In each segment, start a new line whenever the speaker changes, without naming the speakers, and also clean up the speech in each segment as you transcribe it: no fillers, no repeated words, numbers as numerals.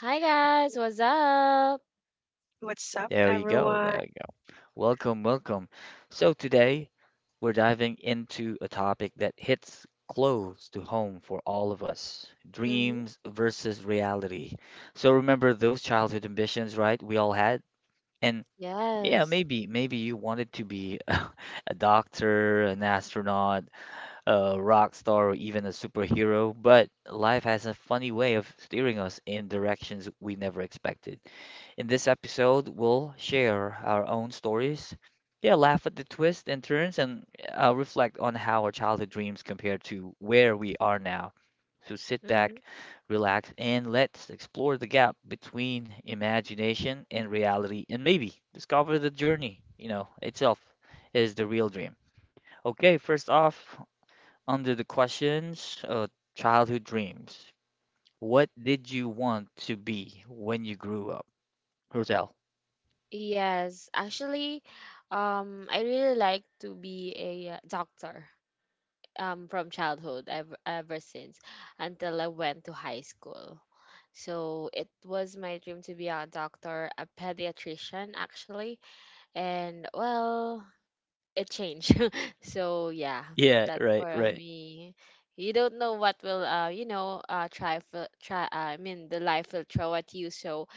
Hi guys, what's up?
What's up, everyone?
hmm Yes. hmm Yes. Actually, I really like to be a doctor. From childhood, ever since until I went to high school. So it was my dream to be a doctor, a pediatrician actually. And well, it changed. So yeah, that's for me. You don't know what will you know try fi- try I mean the life will throw at you. So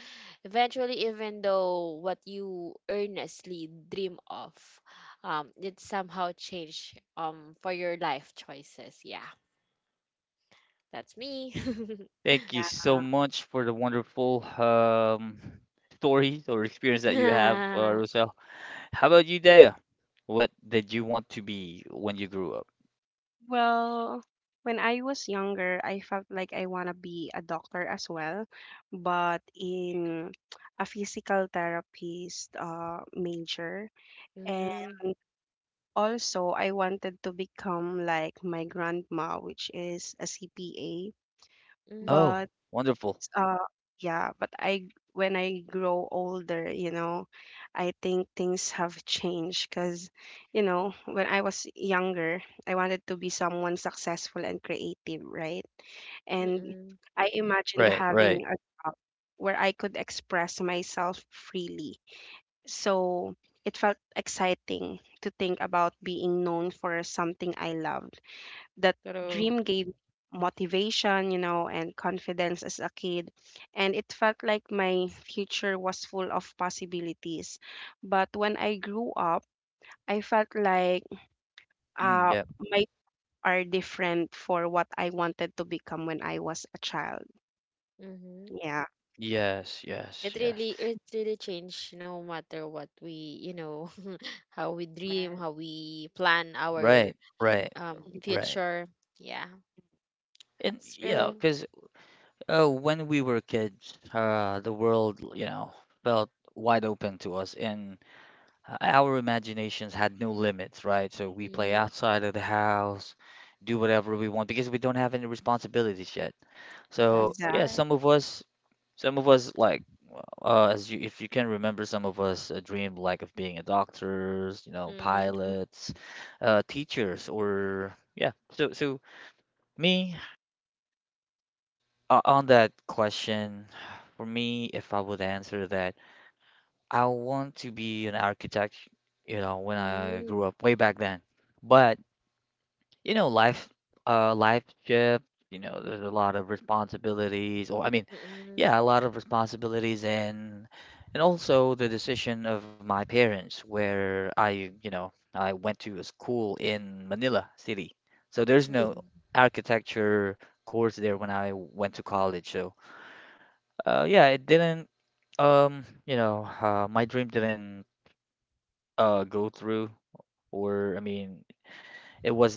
eventually, even though what you earnestly dream of, it somehow change for your life choices. Yeah, that's me.
Yeah,
mm,
yeah. Well, when I was younger, I felt like I want to be a doctor as well, but in a physical therapist major. And
mm,
also, I wanted to become like my grandma, which is a CPA.
mm,
But uh yeah, but I when I grow older, I think things have changed because, you know, when I was younger, I wanted to be someone successful and creative, right? And
mm,
I imagined having a job where I could express myself freely. So it felt exciting to think about being known for something I loved. That
True.
dream gave me motivation, you know, and confidence as a kid. And it felt like my future was full of possibilities. But when I grew up, I felt like uh, my are different for what I wanted to become when I was a child.
Mm-hmm.
Yeah,
It really changed no matter what we, you know, how we
uh,
dream, how we plan our future. Yeah, that's true. Mm-hmm. That's
exactly.
correct. Mm-hmm. Mm-hmm. Mm-hmm. Mm-hmm.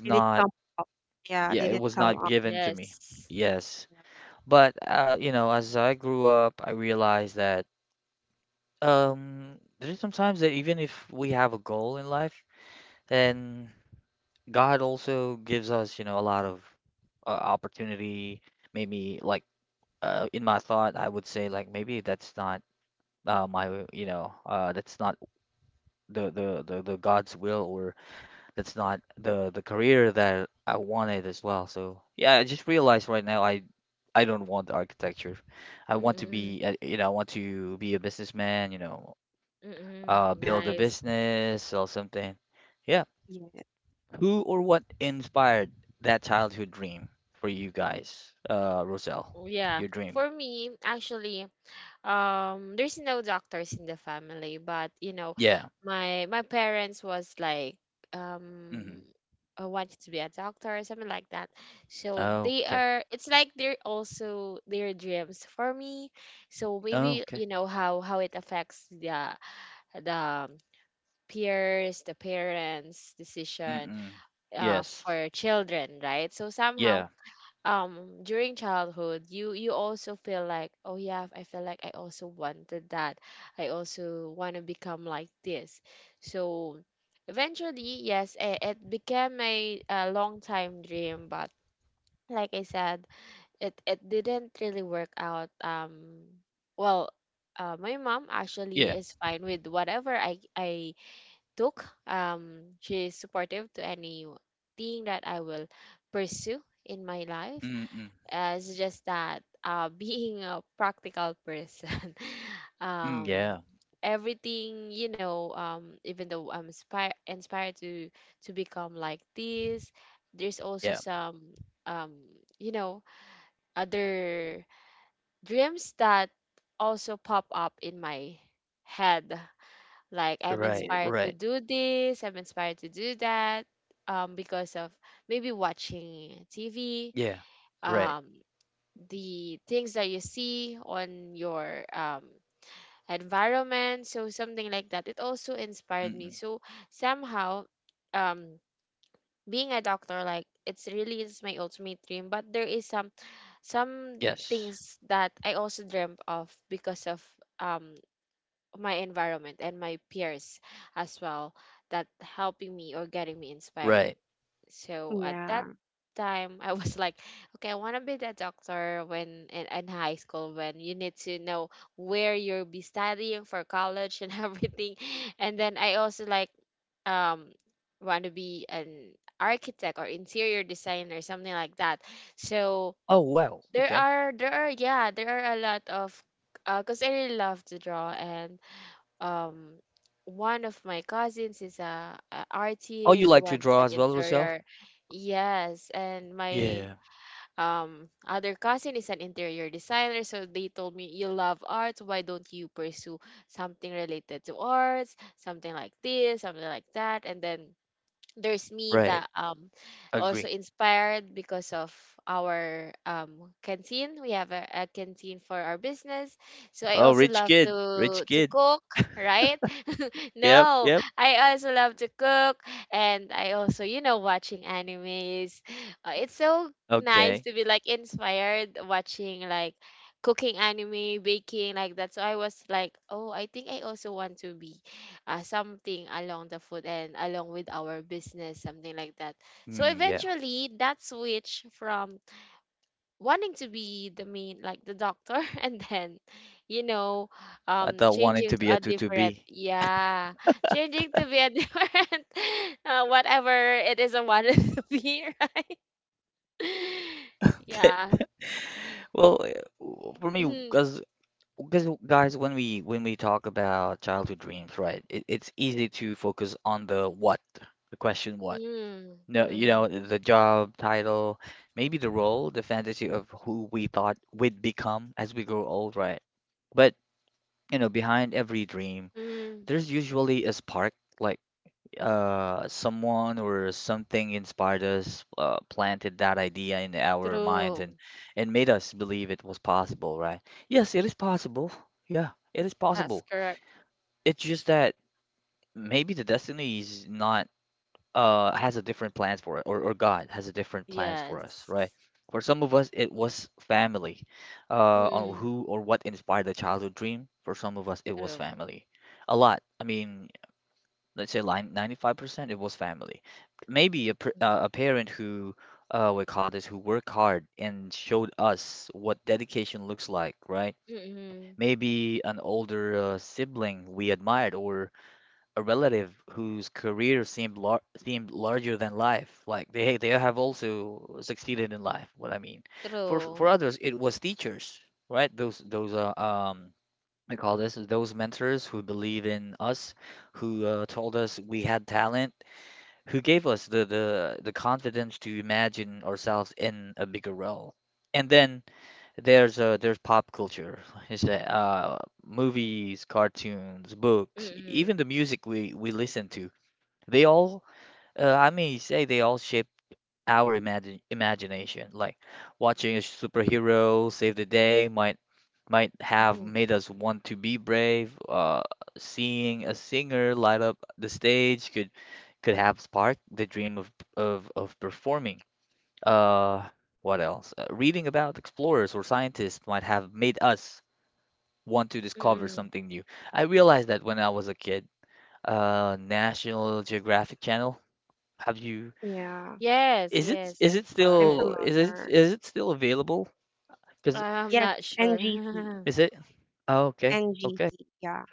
Did it come up? Yeah, did it come up?
Yes. Mm-hmm. Mm-hmm.
Yeah,
Nice.
yeah,
Oh, yeah. For me, actually, there's no doctors in the family, but you know, my parents was like, um I wanted to be a doctor or something like that, so they are, it's like they're also their dreams for me. So maybe you know how it affects the peers, the parents decision for children, right? So somehow, during childhood, you also feel like, oh yeah, I feel like I also wanted that, I also want to become like this. So eventually, yes, it became a long time dream, but like I said, it didn't really work out. Um well My mom actually is fine with whatever I took. She's supportive to anything that I will pursue in my life. It's just that, being a practical person, um everything, you know, even though I'm inspired to become like this, there's also some, um you know, other dreams that also pop up in my head, like I'm
yeah,
inspired to do this, I'm inspired to do that, because of maybe watching TV, um the things that you see on your environment. So something like that, it also inspired me. So somehow, um, being a doctor, like it's really is my ultimate dream, but there is some things that I also dreamt of because of um, my environment and my peers as well that helping me or getting me inspired. So at that
yeah,
time, I was like, okay, I want to be the doctor, when in high school, when you need to know where you'll be studying for college and everything. And then I also like, um want to be an architect or interior designer, something like that. So there are yeah, there are a lot of, because I really love to draw, and um one of my cousins is a artist, one is an interior, yes, and my other cousin is an interior designer. So they told me, you love arts, why don't you pursue something related to arts, something like this, something like that. And then there's me that, also inspired because of our canteen. We have a canteen for our business, so I also love to cook, right? No, I also love to cook, and I also, you know, watching animes. It's so nice to be like inspired watching like cooking anime, baking, like that. So I was like, oh, I think I also want to be, something along the food and along with our business, something like that. So eventually that switch from wanting to be the main like the doctor and then, you know changing to a different, yeah, changing to be a different, whatever it is I wanted to be. Right, yeah. mm, mm, mm, mm, True. That's correct. Yes. mm, true. mm, true. mm, mm, mm, mm.
yeah.
Yes, yes, of
I'm
course.
familiar.
Uh, I'm
Yes,
not
NGC,
sure.
NGC. Yeah.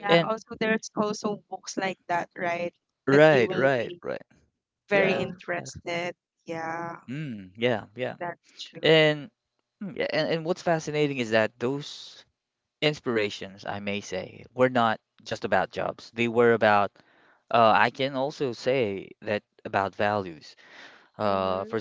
Yeah, also there's also books like that, right? That you will be very
True.
interested. Yeah, that's true.
Mm-hmm.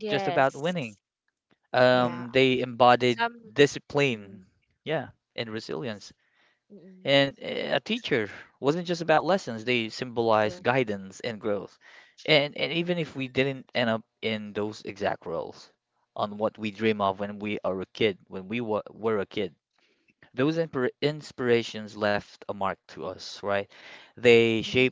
Yes.
Yeah,
Some. Mm, Mm-mm. True. Mhm.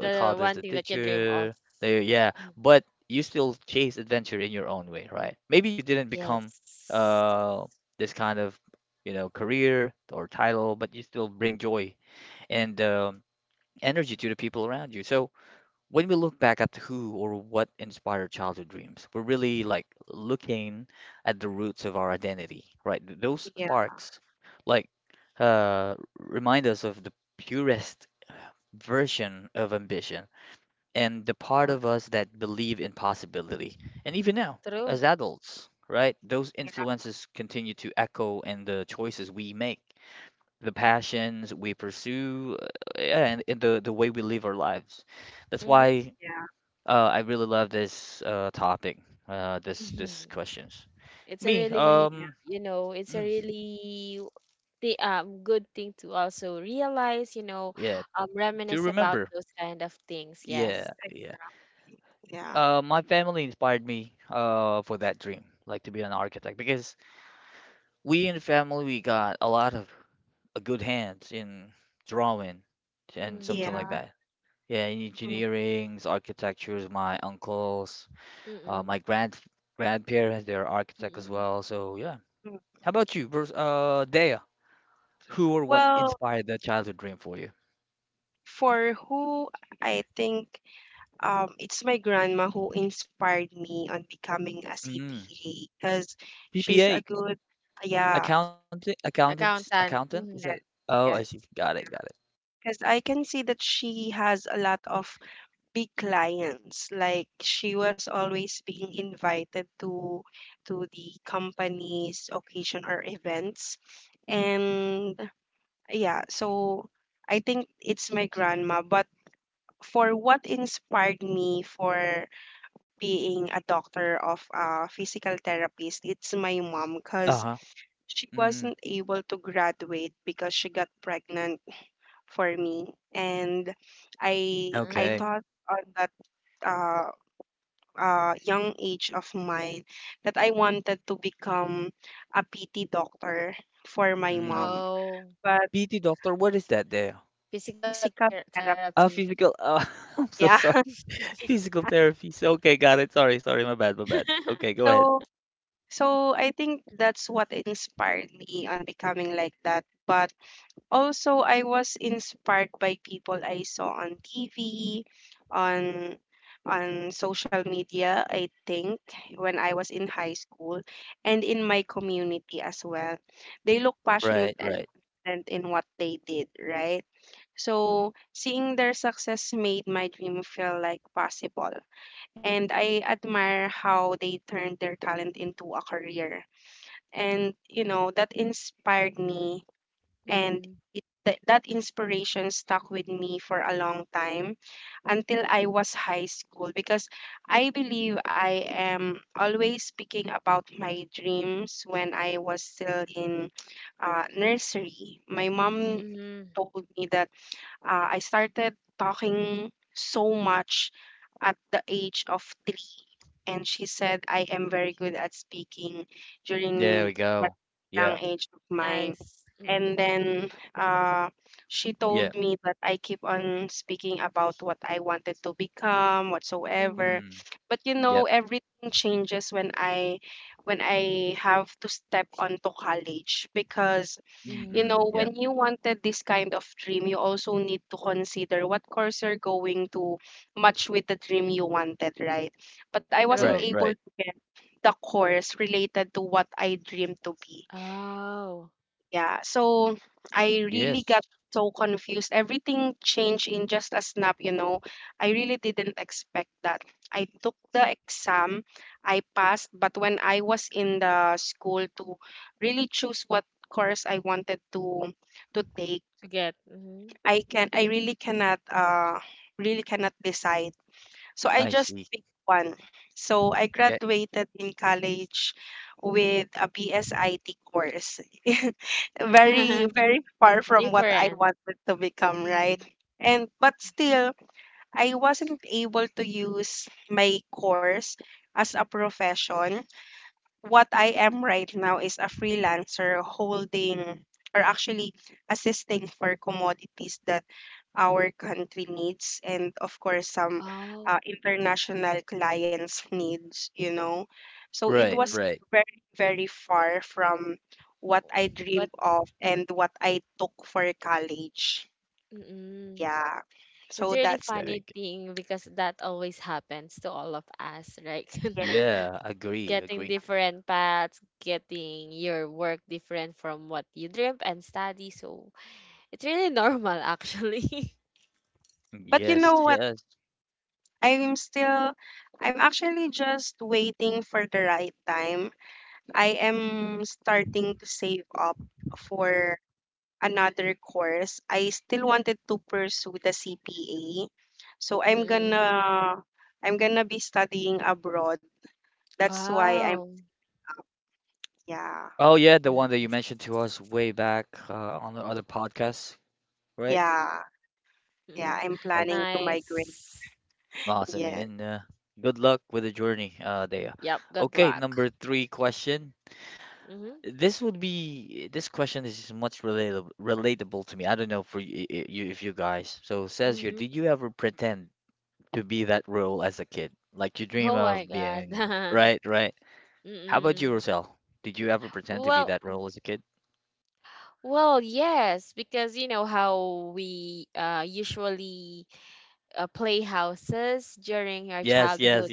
The one thing that you dream of. Mm. Yes.
yeah, or
True.
yeah,
Mm-hmm.
yeah,
It's a really,
yeah,
you know, it's a really the good thing to also realize, you know, reminisce about those kind of things. Yes.
I see. Yeah,
Mm-hmm.
yeah. Mm,
Mm-mm. Mm-mm.
mm. Well, for who I think it's my grandma who inspired me on becoming a CPA because she's a good yeah,
Accountant. Mm-hmm.
yes, yes. Because I can see that she has a lot of big clients. Like she was always being invited to the company's occasion or events. And yeah, so I think it's my grandma, but for what inspired me for being a doctor of a physical therapist, it's my mom because she wasn't able to graduate because she got pregnant for me. And I
Mm.
thought on that uh, young age of mine that I wanted to become a PT doctor for my mom,
Oh.
but
Physical
physical
therapy.
therapist. Yeah. So so I think that's what inspired me on becoming like that. But also I was inspired by people I saw on TV, on social media, I think, when I was in high school and in my community as well. They look passionate, confident in what they did, right? So seeing their success made my dream feel like possible. And I admire how they turned their talent into a career. And, you know, that inspired me and
Mm-mm.
it, that that inspiration stuck with me for a long time until I was high school because I believe I am always speaking about my dreams when I was still in nursery. My mom
Mm-mm.
told me that I started talking so much at the age of three. And she said, I am very good at speaking during that young age of mine.
Nice. Mm-mm.
And then she told me that I keep on speaking about what I wanted to become,
Mm-hmm.
whatsoever. But you know, everything changes when I have to step onto college because you
Mm-hmm.
know when you wanted this kind of dream you also need to consider what course you're going to match with the dream you wanted, right? But I wasn't
True.
able to get the course related to what I dreamed to be.
Oh.
Yeah, so I really got so confused. Everything changed in just a snap, you know. I really didn't expect that. I took the exam, I passed, but when I was in the school to really choose what course I wanted to take,
To get. Mm-hmm.
I really cannot decide. So I just picked one. So I graduated in college with a BSIT course. Very very far from what I
Different.
wanted to become, right?
Mm.
And but still, I wasn't able to use my course as a profession. What I am right now is a freelancer holding or actually assisting for commodities that our country needs and of course some
Oh.
international clients needs, you know, so it was
Mm-hmm.
very very far from what I
But
dreamed of and what I took for college.
mm-mm,
Yeah,
it's
so
really
that's it.
funny thing, because that always happens to all of us, right?
Yeah,
Getting different paths, getting your work different from what you dreamt and study. So it's really normal actually.
but you know what, i'm still I'm actually just waiting for the right time. I am starting to save up for another course, I still wanted to pursue the CPA. So I'm
Mm.
gonna I'm gonna be studying abroad. That's why I'm
Wow.
yeah.
Nice.
Yeah. Yeah,
Mm.
I'm planning to migrate.
Nice.
Yeah.
Yep. Good luck. Mm-hmm. Mm-hmm. Oh my God. Mm-mm. Well, well, yes, because you know how we, usually, play houses during our childhood.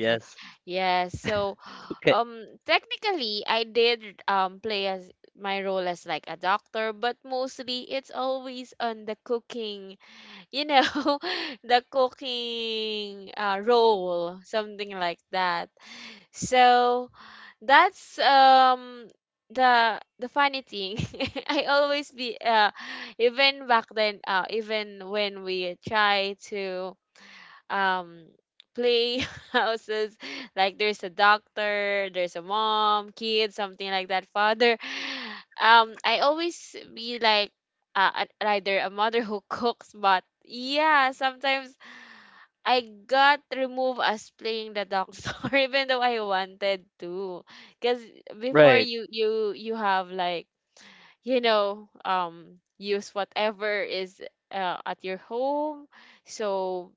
Yes, so technically, I did play as my role as like a doctor, but mostly it's always on the cooking, you know, the cooking, role, something like that. So that's the funny thing, I always be, even back then, even when we try to um play houses, like there's a doctor, there's a mom, kid, something like that, father, I always be like, either a mother who cooks, but yeah, sometimes I got removed as playing the doctor even though I wanted to, because before, you have like, you know, use whatever is, at your home, so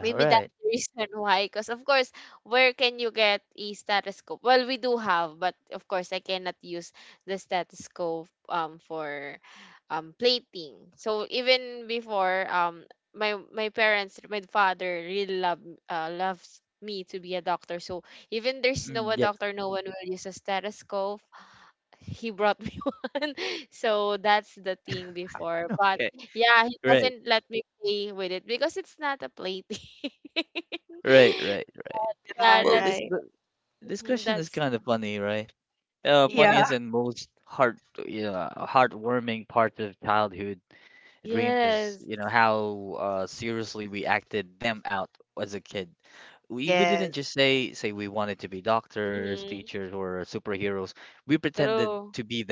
maybe that's the reason why, because of course, where can you get a stethoscope? Well, we do have, but of course I cannot use the stethoscope for plating. So even before, my parents, my father really love, loves me to be a doctor, so even there's no a doctor, no one will use a stethoscope, he brought me one. So that's the thing before. But yeah, he doesn't let me play with it because it's not a play thing.
Yeah,
Yeah, that's
right.
mhm, that's mhm.
Yeah.
Yes.
Yes.
Mm-mm, true.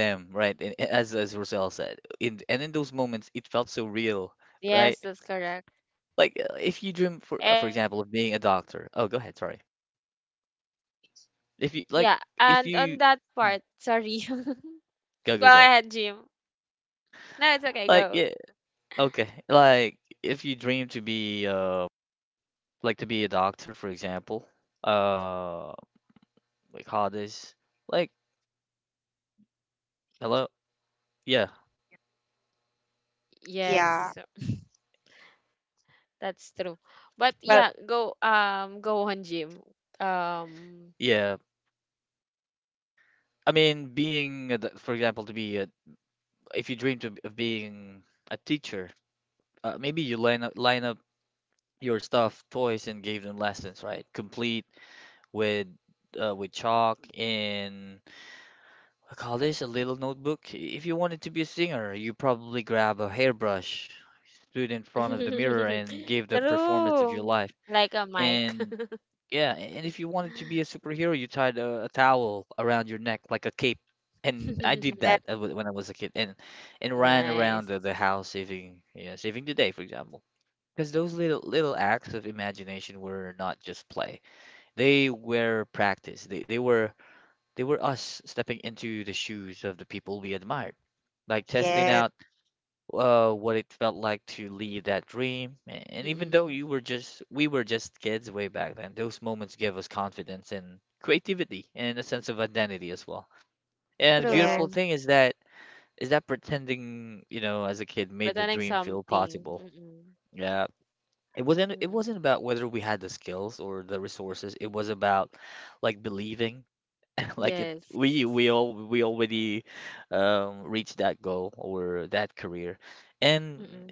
Yes, that's correct. And yeah, and on that part, sorry. Go ahead, Jim. No, it's okay, go.
Yeah.
Yes, so, that's true.
Well,
But yeah, go go on, Jim. Um True. Like a mic.
yes,
Nice.
yes,
Mm-mm.
yes.
True. Pretending something. Mm-mm. Mm-mm. Yes.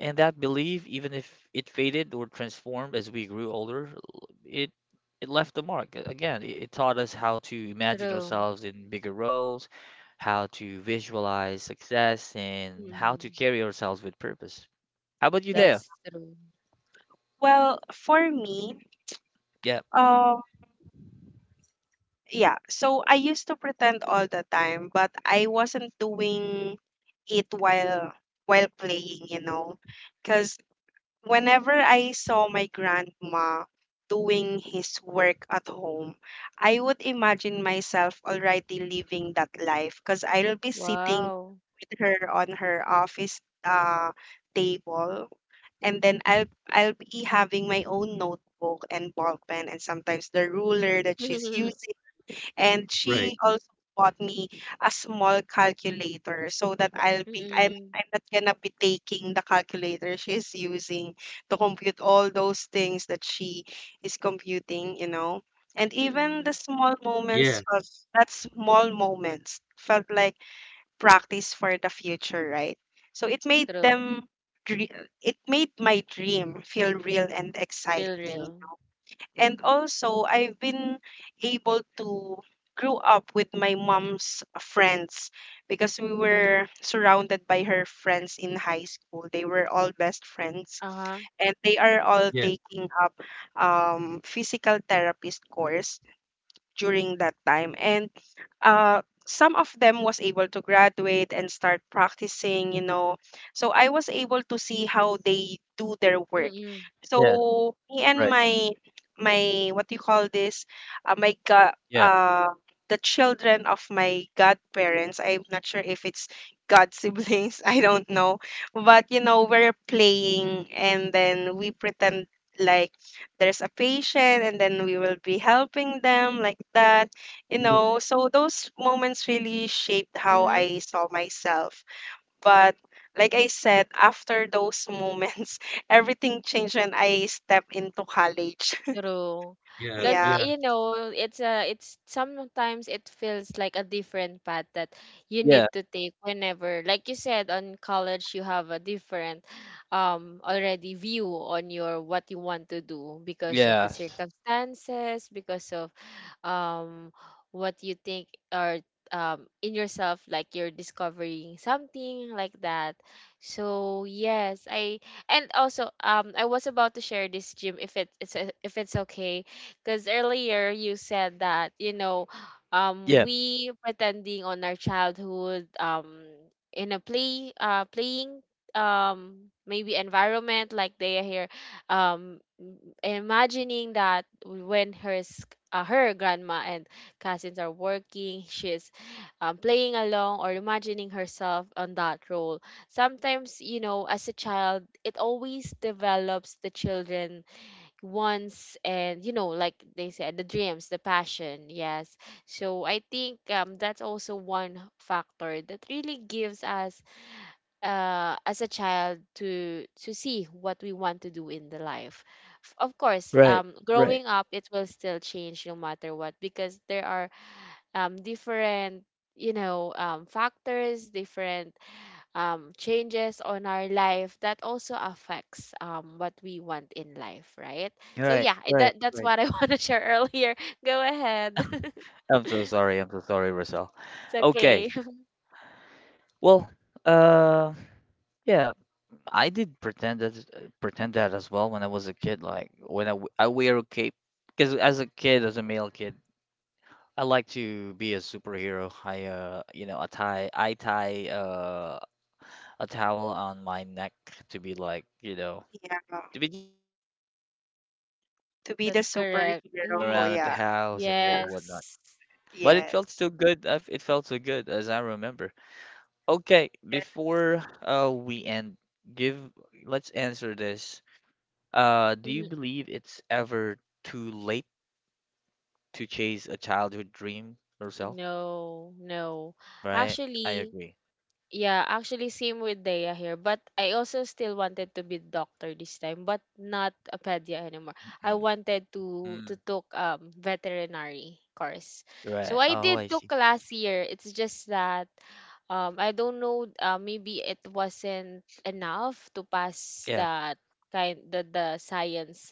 Mm-mm. True. Mm-mm.
Ex-
That's true.
Well, for me, um yeah, so I used to pretend all the time, but I wasn't doing it while playing, you know. Because whenever I saw my grandma doing his work at home, I would imagine myself already living that life because I'll be sitting
Wow.
with her on her office table and then I'll be having my own notebook and ball pen and sometimes the ruler that she's using,
Mm-mm.
and she also bought me a small calculator so that I'm not gonna be taking the calculator she's using to compute all those things that she is computing, you know. And even the
Mm-mm.
small moments felt that small moments felt like practice for the future, right? So it made
True.
dre- my dream feel real and
Feel
exciting.
real.
And also, I've been able to grow up with my mom's friends because we were surrounded by her friends in high school. They were all best friends
Uh-huh.
and they are all taking up physical therapist course during that time. And some of them was able to graduate and start practicing, you know, so I was able to see how they do their work.
Mm-mm.
So me and my what do you call this, my god, the children of my godparents, I'm not sure if it's god siblings, I don't know, but you know, we're playing and then we pretend like there's a patient and then we will be helping them like that, you know. So those moments really shaped how
Mm-hmm.
I saw myself, but like I said, after those moments everything changed when I stepped into college.
True. Because
Yeah,
you know, it's a, it's sometimes it feels like a different path that you need to take whenever, like you said, on college you have a different, already view on your what you want to do, because of the circumstances, because of um what you think, or in yourself, like you're discovering something like that. So yes, I, and also, I was about to share this, Jim, if it's if it's okay, because earlier you said that, you know, we pretending on our childhood, in a play, playing, maybe environment, like they are here, um imagining that when her her grandma and cousins are working, she's, playing along or imagining herself on that role. Sometimes, you know, as a child, it always develops the children wants, and you know, like they said, the dreams, the passion. Yes, so I think, that's also one factor that really gives us, as a child, to see what we want to do in the life. Of course, growing up, it will still change no matter what, because there are, different, you know, factors, different, changes on our life that also affects, what we want in life, right? So yeah, that's what I want to share earlier. Go ahead. It's okay.
yeah, to be the
That's
superhero.
correct.
Yeah,
Yes.
yes, yes,
Mm. No, no. Actually, yeah, actually same with Dea here. But I also still wanted to be doctor this time, but not a pedia anymore. I wanted to took, veterinary course. So I did took last year. It's just that, I don't know, maybe it wasn't enough to pass that kind, the science,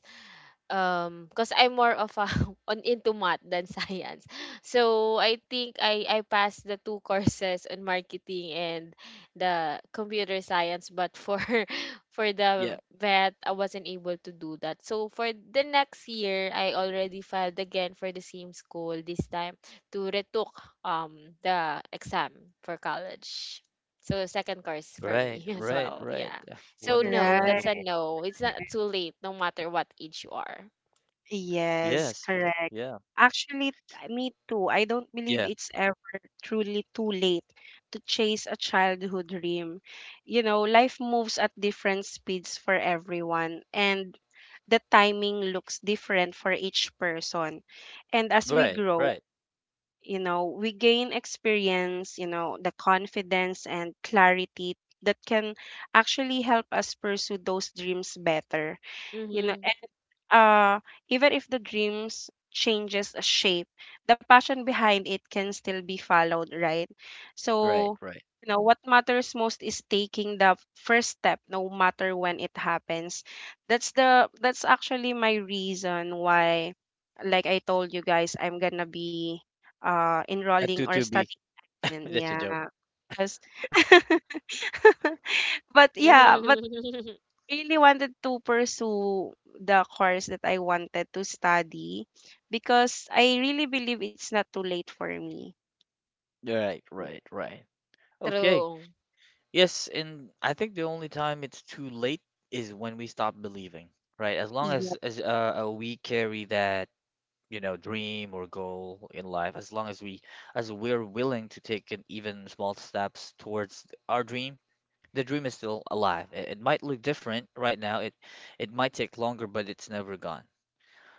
because I'm more of a on into math than science. So I think I passed the 2 courses on marketing and the computer science, but for for the vet I wasn't able to do that. So for the next year I already filed again for the same school this time to retook the exam for college. So second course for me as well. Yeah. So no, that's a
right.
no. It's not too late, no matter what age you are.
Yes, correct. Actually, me too. I don't believe it's ever truly too late to chase a childhood dream. You know, life moves at different speeds for everyone, and the timing looks different for each person. And as we grow, you know, we gain experience, you know, the confidence and clarity that can actually help us pursue those dreams better. You know,
Mm-hmm.
uh, even if the dreams changes a shape, the passion behind it can still be followed, right? So, you know, what matters most is taking the first step, no matter when it happens. That's the that's actually my reason why, like I told you guys, I'm gonna be enrolling or studying. Yeah, because but yeah, but really wanted to pursue the course that I wanted to study because I really believe it's not too late for me.
True,
Yeah.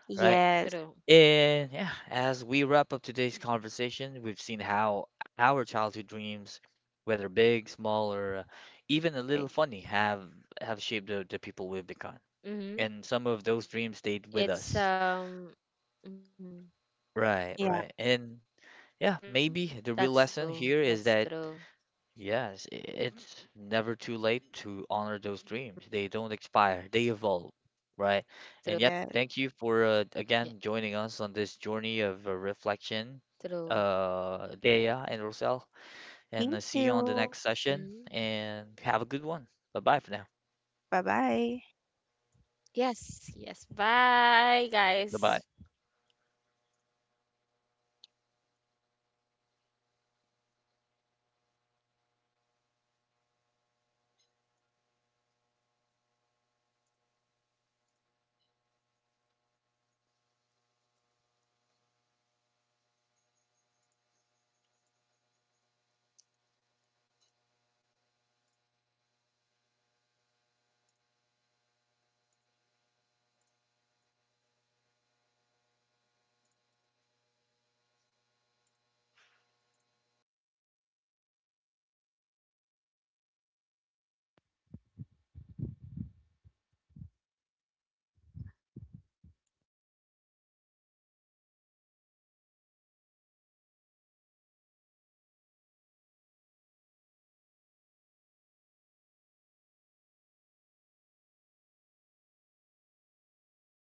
Yes.
true. Mm-hmm. It's mhm,
Yes.
that's true. That's true. Yeah,
Yeah.
true. Mm-hmm.
Thank you. Bye bye.
Yes, yes. Bye, guys.